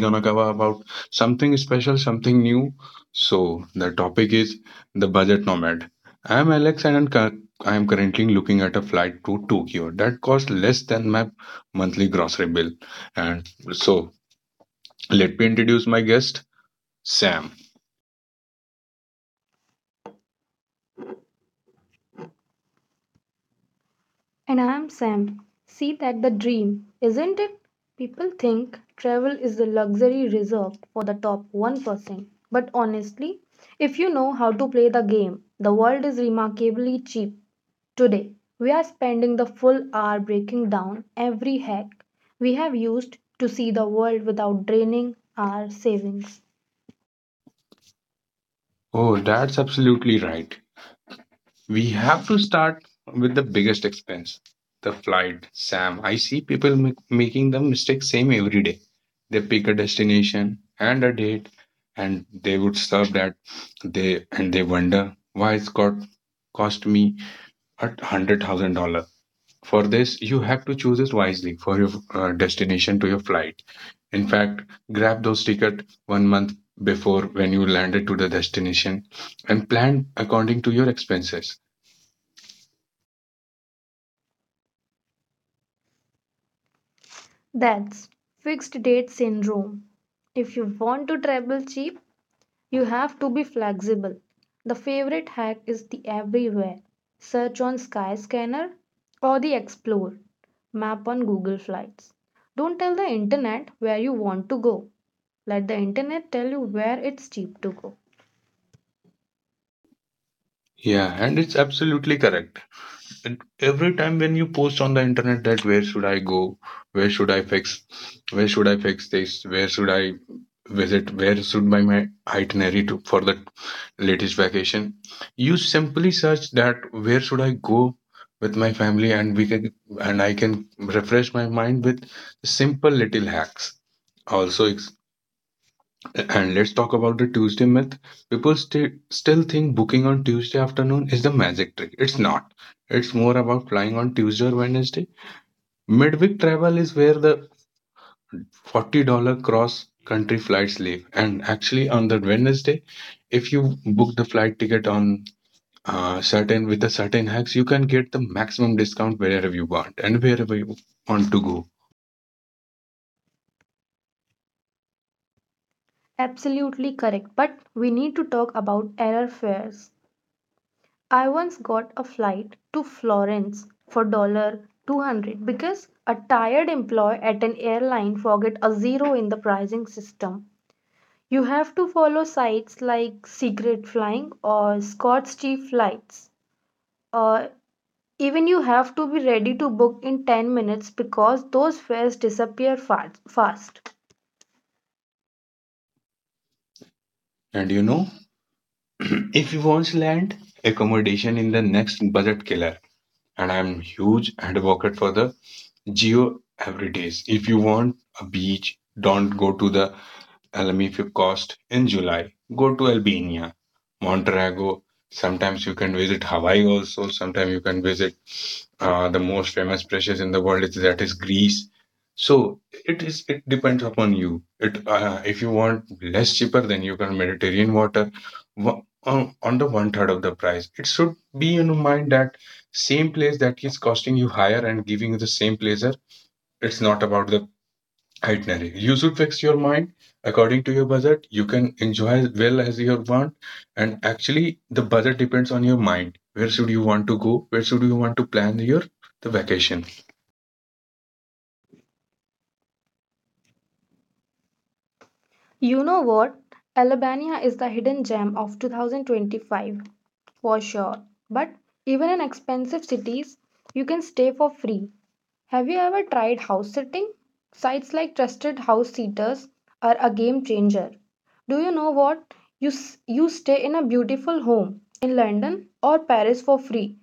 gonna cover about something special, something new. So the topic is the budget nomad. I'm Alex and I am currently looking at a flight to Tokyo that costs less than my monthly grocery bill. And so let me introduce my guest, Sam. And I'm Sam. See, that the dream, isn't it? People think travel is the luxury reserved for the top 1%. But honestly, if you know how to play the game, the world is remarkably cheap. Today, we are spending the full hour breaking down every hack we have used to see the world without draining our savings. Oh, that's absolutely right. We have to start with the biggest expense, the flight. Sam, I see people make, making the mistake same every day. They pick a destination and a date, and they would serve that. They wonder why it's got cost me at $100,000. For this, you have to choose it wisely for your destination to your flight. In fact, grab those ticket 1 month before when you landed to the destination and plan according to your expenses. That's fixed date syndrome. If you want to travel cheap, you have to be flexible. The favorite hack is the everywhere search on Skyscanner or the explore map on Google Flights. Don't tell the internet where you want to go. Let the internet tell you where it's cheap to go. Yeah, and it's absolutely correct. And every time when you post on the internet that where should I go, where should I fix, where should I fix this, where should I visit, where should my itinerary to, for the latest vacation, you simply search that where should I go with my family, and I can refresh my mind with simple little hacks. Also, and let's talk about the Tuesday myth. People still think booking on Tuesday afternoon is the magic trick. It's not. It's more about flying on Tuesday or Wednesday. Midweek travel is where the $40 cross country flights leave. And actually, on the Wednesday, if you book the flight ticket on certain with a certain hacks, you can get the maximum discount wherever you want and wherever you want to go. Absolutely correct, but we need to talk about error fares. I once got a flight to Florence for dollar 200 because a tired employee at an airline forgot a zero in the pricing system. You have to follow sites like Secret Flying or Scott's Cheap Flights. Uh, even you have to be ready to book in 10 minutes because those fares disappear fast. And you know, if you want land, accommodation in the next budget killer. And I'm huge advocate for the geo every days. If you want a beach, don't go to the Alamiffe Coast in July. Go to Albania, Monterrey. Sometimes you can visit Hawaii also. Sometimes you can visit the most famous places in the world is that is Greece. So it depends upon you. It if you want less cheaper, then you can Mediterranean water on the one third of the price. It should be in mind that same place that is costing you higher and giving you the same pleasure. It's not about the itinerary. You should fix your mind according to your budget. You can enjoy as well as you want. And actually, the budget depends on your mind. Where should you want to go? Where should you want to plan your the vacation? You know what? Albania is the hidden gem of 2025 for sure. But even in expensive cities, you can stay for free. Have you ever tried house sitting? Sites like Trusted House Sitters are a game changer. Do you know what? You stay in a beautiful home in London or Paris for free,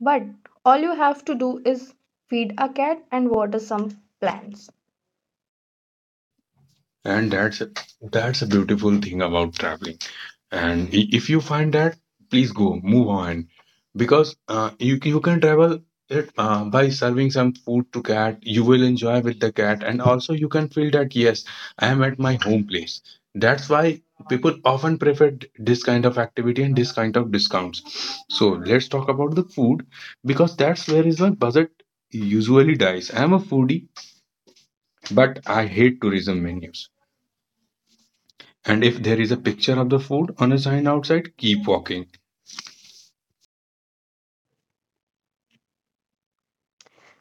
but all you have to do is feed a cat and water some plants. And that's a beautiful thing about traveling. And if you find that please go move on because you you can travel it by serving some food to cat you will enjoy with the cat, and also you can feel that yes, I am at my home place. That's why people often prefer this kind of activity and this kind of discounts. So let's talk about the food, because that's where is my budget usually dies. I am a foodie but I hate tourism menus, and if there is a picture of the food on a sign outside, keep walking.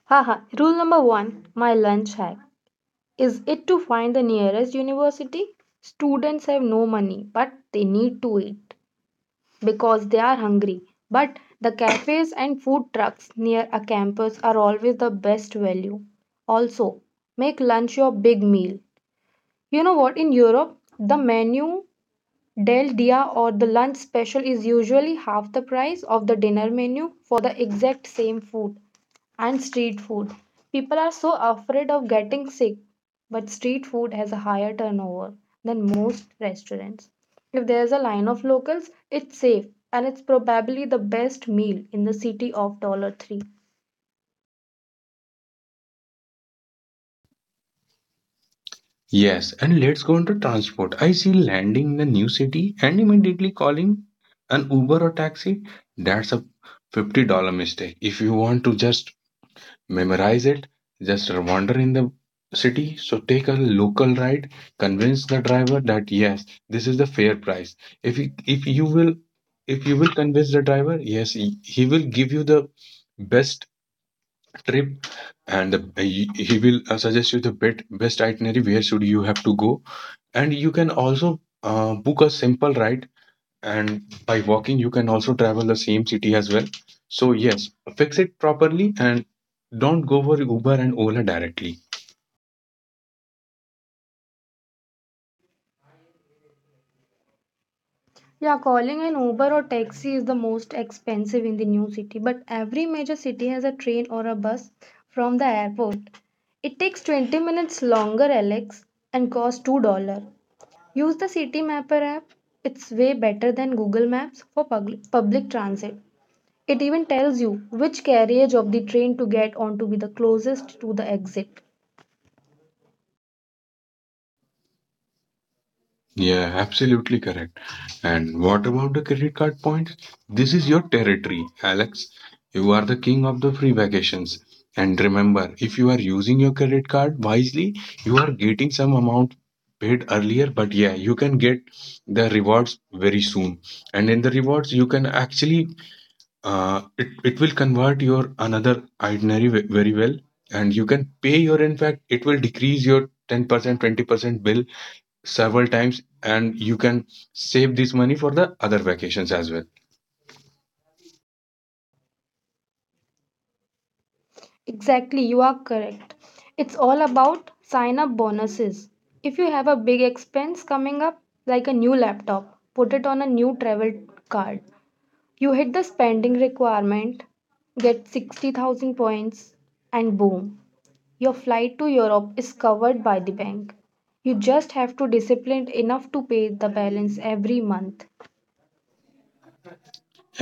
Haha, rule number one, my lunch hack is it to find the nearest university? Students have no money, but they need to eat because they are hungry. But the cafes and food trucks near a campus are always the best value. Also, make lunch your big meal. You know what, in Europe, the menu del dia or the lunch special is usually half the price of the dinner menu for the exact same food. And street food, people are so afraid of getting sick, but street food has a higher turnover than most restaurants. If there's a line of locals, it's safe and it's probably the best meal in the city of dollar 3. Yes, and let's go into transport. I see landing in a new city and immediately calling an Uber or taxi. That's a $50 mistake. If you want to just memorize it, just wander in the city. So take a local ride, convince the driver that yes, this is the fair price. If you, if you will if you will convince the driver, yes, he will give you the best trip and he will suggest you the best itinerary where should you have to go, and you can also book a simple ride and by walking you can also travel the same city as well. So yes, fix it properly and don't go for Uber and Ola directly. Yeah, calling an Uber or taxi is the most expensive in the new city, but every major city has a train or a bus from the airport. It takes 20 minutes longer, Alex, and costs $2. Use the City Mapper app. It's way better than Google Maps for public transit. It even tells you which carriage of the train to get on to be the closest to the exit. Yeah, absolutely correct. And what about the credit card points? This is your territory, Alex. You are the king of the free vacations. And remember, if you are using your credit card wisely, you are getting some amount paid earlier, but yeah, you can get the rewards very soon. And in the rewards, you can actually it will convert your another itinerary very well. And you can pay your, in fact, it will decrease your 10%, 20% bill several times and you can save this money for the other vacations as well. Exactly, you are correct. It's all about sign up bonuses. If you have a big expense coming up, like a new laptop, put it on a new travel card. You hit the spending requirement, get 60,000 points, and boom, your flight to Europe is covered by the bank. You just have to discipline enough to pay the balance every month.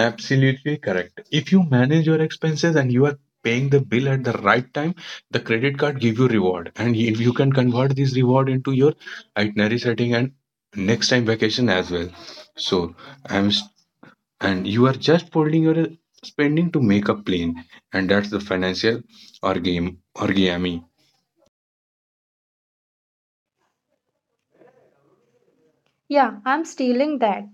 Absolutely correct. If you manage your expenses and you are paying the bill at the right time, the credit card give you reward, and if you can convert this reward into your itinerary setting and next time vacation as well. So i'm s- and you are just folding your spending to make a plan, and that's the financial or game or gaming. Yeah, I'm stealing that.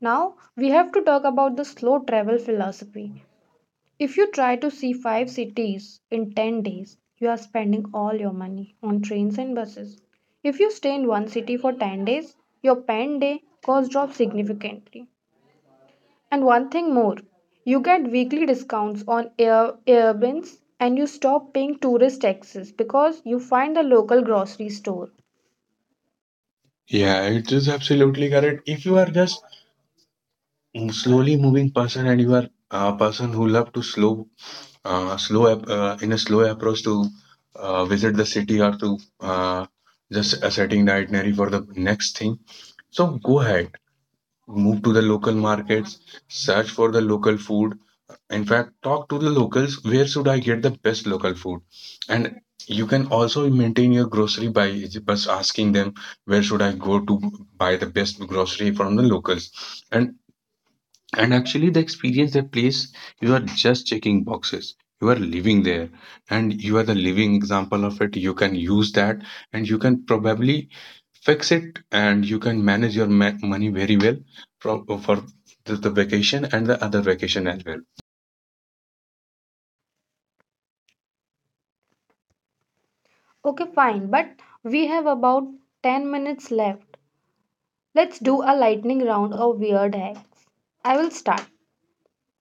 Now we have to talk about the slow travel philosophy. If you try to see five cities in 10 days, you are spending all your money on trains and buses. If you stay in one city for 10 days, your pen day cost drops significantly. And one thing more, you get weekly discounts on air Airbnbs and you stop paying tourist taxes because you find the local grocery store. Yeah, it is absolutely correct. If you are just slowly moving person, and you are a person who love to slow in a slow approach to visit the city or to just setting the itinerary for the next thing, so go ahead, move to the local markets, search for the local food. In fact, talk to the locals, where should I get the best local food, and you can also maintain your grocery by just asking them where should I go to buy the best grocery from the locals. And and actually the experience that place you are just checking boxes, you are living there and you are the living example of it. You can use that and you can probably fix it and you can manage your money very well for the vacation and the other vacation as well. Okay, fine, but we have about 10 minutes left. Let's do a lightning round of weird hacks. I will start.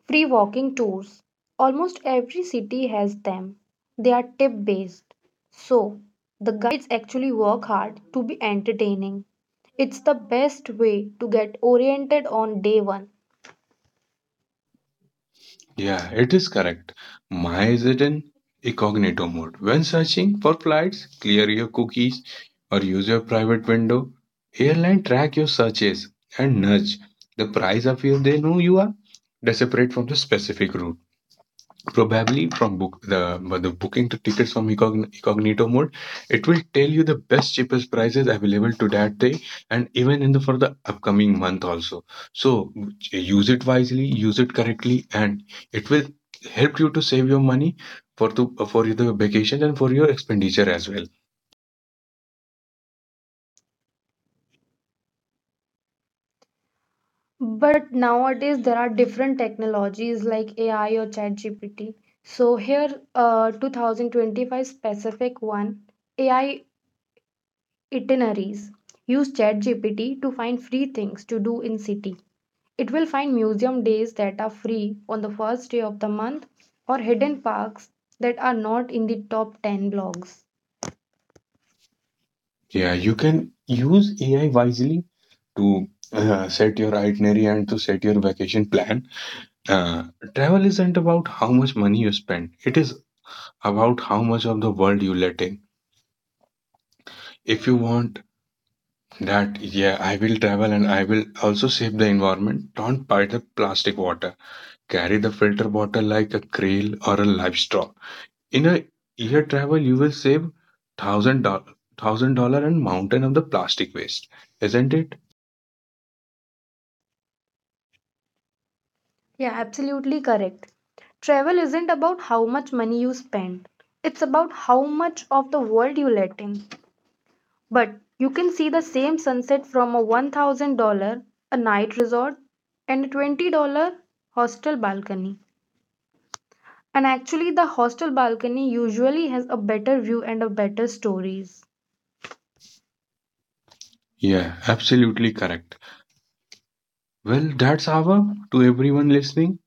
Free walking tours. Almost every city has them. They are tip based, so the guides actually work hard to be entertaining. It's the best way to get oriented on day one. Yeah, it is correct. My is in incognito mode. When searching for flights, clear your cookies or use your private window. Airline track your searches and nudge the price of you. They know you are desperate from the specific route, probably from book the but the booking the tickets from incognito mode. It will tell you the best cheapest prices available to that day and even in the for the upcoming month also. So use it wisely, use it correctly, and it will help you to save your money for to for the vacation and for your expenditure as well. But nowadays there are different technologies like AI or ChatGPT. So here, 2025 specific one, AI itineraries. Use ChatGPT to find free things to do in city. It will find museum days that are free on the first day of the month or hidden parks that are not in the top 10 blogs. Yeah, you can use AI wisely to set your itinerary and to set your vacation plan. uh, Travel isn't about how much money you spend, it is about how much of the world you let in. If you want that, yeah, I will travel and I will also save the environment, don't buy the plastic water. Carry the filter water like a krill or a livestock. In a year travel, you will save thousand dollar thousand dollar and mountain of the plastic waste, isn't it? Yeah, absolutely correct. Travel isn't about how much money you spend, it's about how much of the world you let in. But you can see the same sunset from a $1,000 a night resort and a $20 hostel balcony. And actually, the hostel balcony usually has a better view and a better stories. Yeah, absolutely correct. Well, that's our to everyone listening.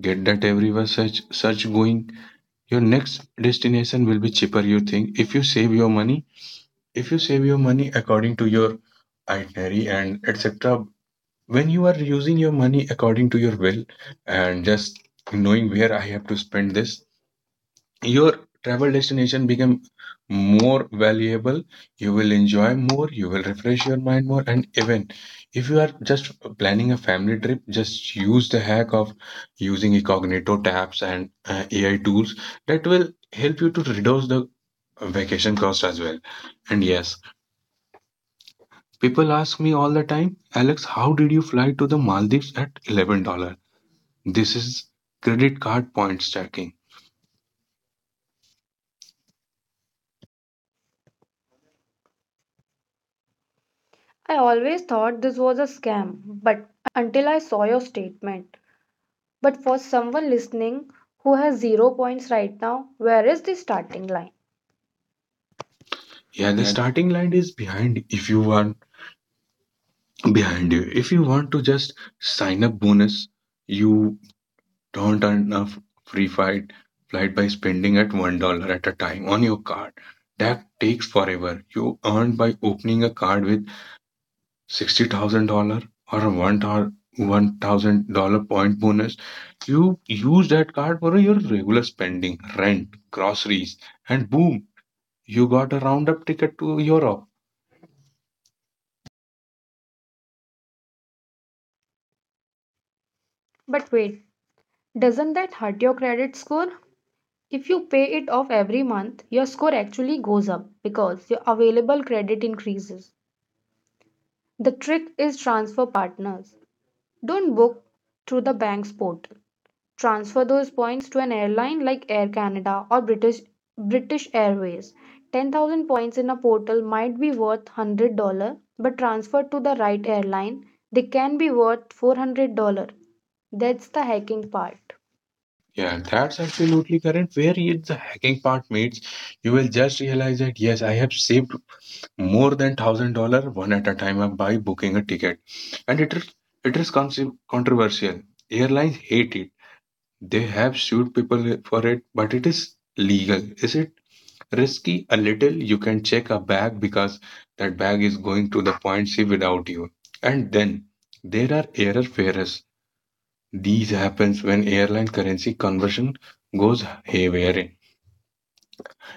Get that everywhere search going. Your next destination will be cheaper you think, if you save your money, if you save your money according to your itinerary and etc. When you are using your money according to your will and just knowing where I have to spend this, your travel destination become more valuable, you will enjoy more, you will refresh your mind more, and even if you are just planning a family trip, just use the hack of using incognito tabs and AI tools that will help you to reduce the vacation cost as well. And yes, people ask me all the time, Alex, how did you fly to the Maldives at $11? This is credit card points stacking. I always thought this was a scam, but until I saw your statement. But for someone listening who has zero points right now, where is the starting line? Yeah, the Yeah, starting line is behind if you want behind you. If you want to just sign up bonus, you don't earn a free flight by spending at $1 at a time on your card. That takes forever. You earn by opening a card with $60,000 or a $1,000 point bonus, you use that card for your regular spending, rent, groceries, and boom, you got a roundup ticket to Europe. but wait, doesn't that hurt your credit score? If you pay it off every month, your score actually goes up because your available credit increases. The trick is transfer partners. Don't book through the bank's portal. Transfer those points to an airline like Air Canada or British Airways. 10,000 points in a portal might be worth $100, but transferred to the right airline, they can be worth $400. That's the hacking part. Yeah, that's absolutely correct. Where is the hacking part, mates? You will just realize that yes, I have saved more than $1,000 one at a time by booking a ticket, and it is controversial. Airlines hate it. They have sued people for it, but it is legal. Is it risky? A little. You can check a bag because that bag is going to the point C without you. And then there are error fares. These happens when airline currency conversion goes haywire,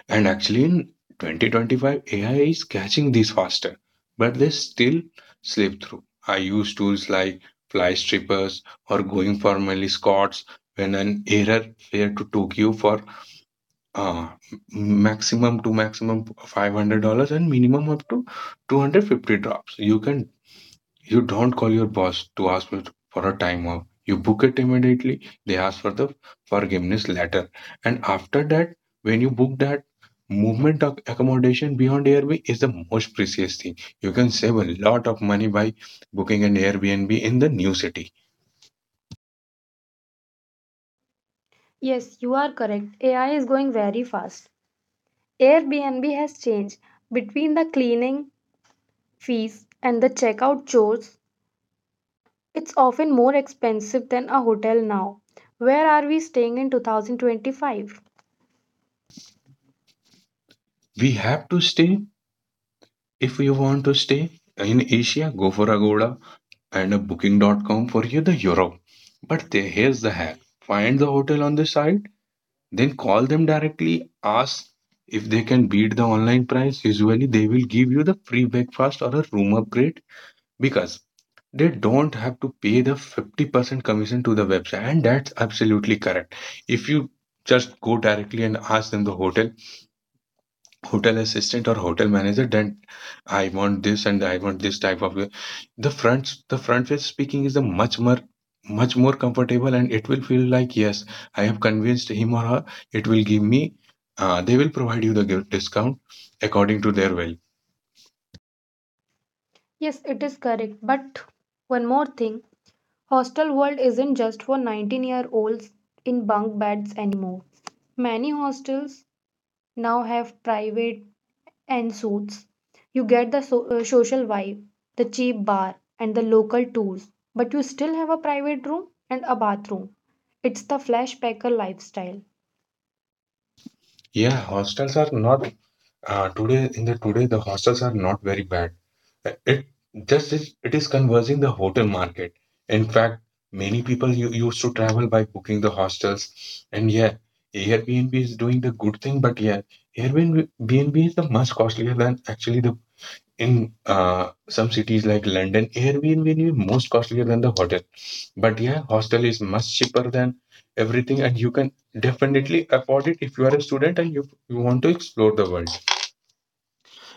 and actually in 2025 AI is catching these faster, but they still slip through. I use tools like Fly Strippers or Going for Millie Scots when an error fare to Tokyo for uh, maximum to maximum $500 and minimum up to 250 drops. You don't call your boss to ask for a time off. You book it immediately. They ask for the forgiveness letter. And after that, when you book that movement of accommodation beyond Airbnb is the most precious thing. You can save a lot of money by booking an Airbnb in the new city. Yes, you are correct. AI is going very fast. Airbnb has changed. Between the cleaning fees and the checkout chores, it's often more expensive than a hotel now. Where are we staying in 2025? We have to stay. If you want to stay in Asia, go for Agoda and a Booking.com for you the Europe. But here's the hack. Find the hotel on the site, then call them directly, ask if they can beat the online price. Usually they will give you the free breakfast or a room upgrade because they don't have to pay the 50% commission to the website. And that's absolutely correct. If you just go directly and ask them the hotel assistant or hotel manager, then I want this and I want this type of way. The front face speaking is a much more comfortable, and it will feel like yes, I have convinced him or her, it will give me they will provide you the gift discount according to their will. Yes, it is correct. But one more thing, hostel world isn't just for 19-year-olds in bunk beds anymore. Many hostels now have private and suits. You get the social vibe, the cheap bar, and the local tours, but you still have a private room and a bathroom. It's the flash packer lifestyle. Yeah, hostels are not. Today in the today the hostels are not very bad. Uh, It it is conversing the hotel market. In fact, many people you, used to travel by booking the hostels, and yeah, Airbnb is doing the good thing, but yeah, Airbnb is the much costlier than actually the in some cities like London. Airbnb is most costlier than the hotel, but yeah, hostel is much cheaper than everything, and you can definitely afford it if you are a student and you want to explore the world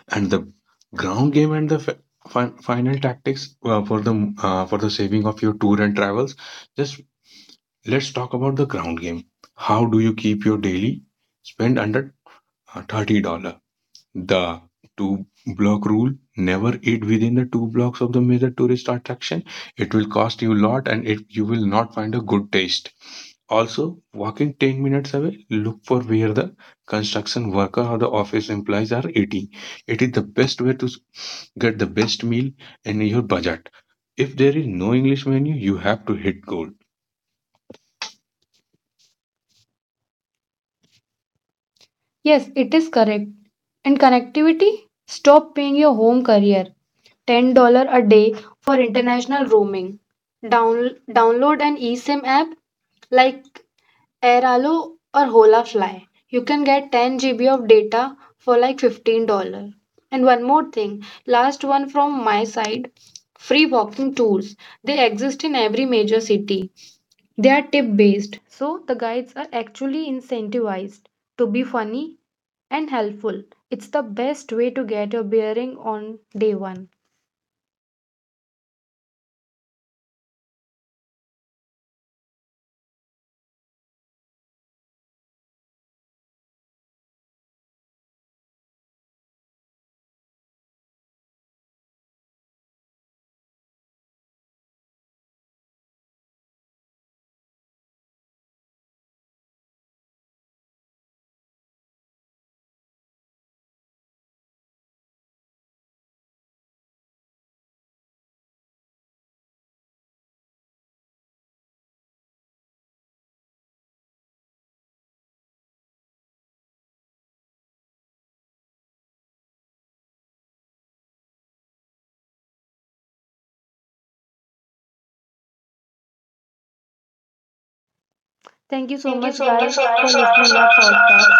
and the ground game and the final tactics for the saving of your tour and travels. Just let's talk about the ground game. How do you keep your daily spend under $30? The two block rule, never eat within the two blocks of the major tourist attraction. It will cost you a lot and it you will not find a good taste also. Walking 10 minutes away, look for where the construction worker or the office employees are eating. It is the best way to get the best meal in your budget. If there is no English menu, you have to hit gold. Yes, Yes, it it is is correct. correct. And And connectivity? connectivity? Stop Stop paying paying your your home home carrier carrier $10 $10 a a day day for for international international roaming. roaming. Download Download an an eSIM eSIM app app like like Airalo Airalo or or Hola HolaFly. Fly. You You can can get get 10 10 GB GB of of data data for for like like $15. $15. And And one one more more thing, thing, last last one one from from my my side, side, free free walking walking tours. tours. They They exist exist in in every every major major city. city. They They are are tip tip based. based, so the guides are actually incentivized to be funny and helpful. It's the best way to get your bearing on day one. Thank you so much, guys, for listening our podcast.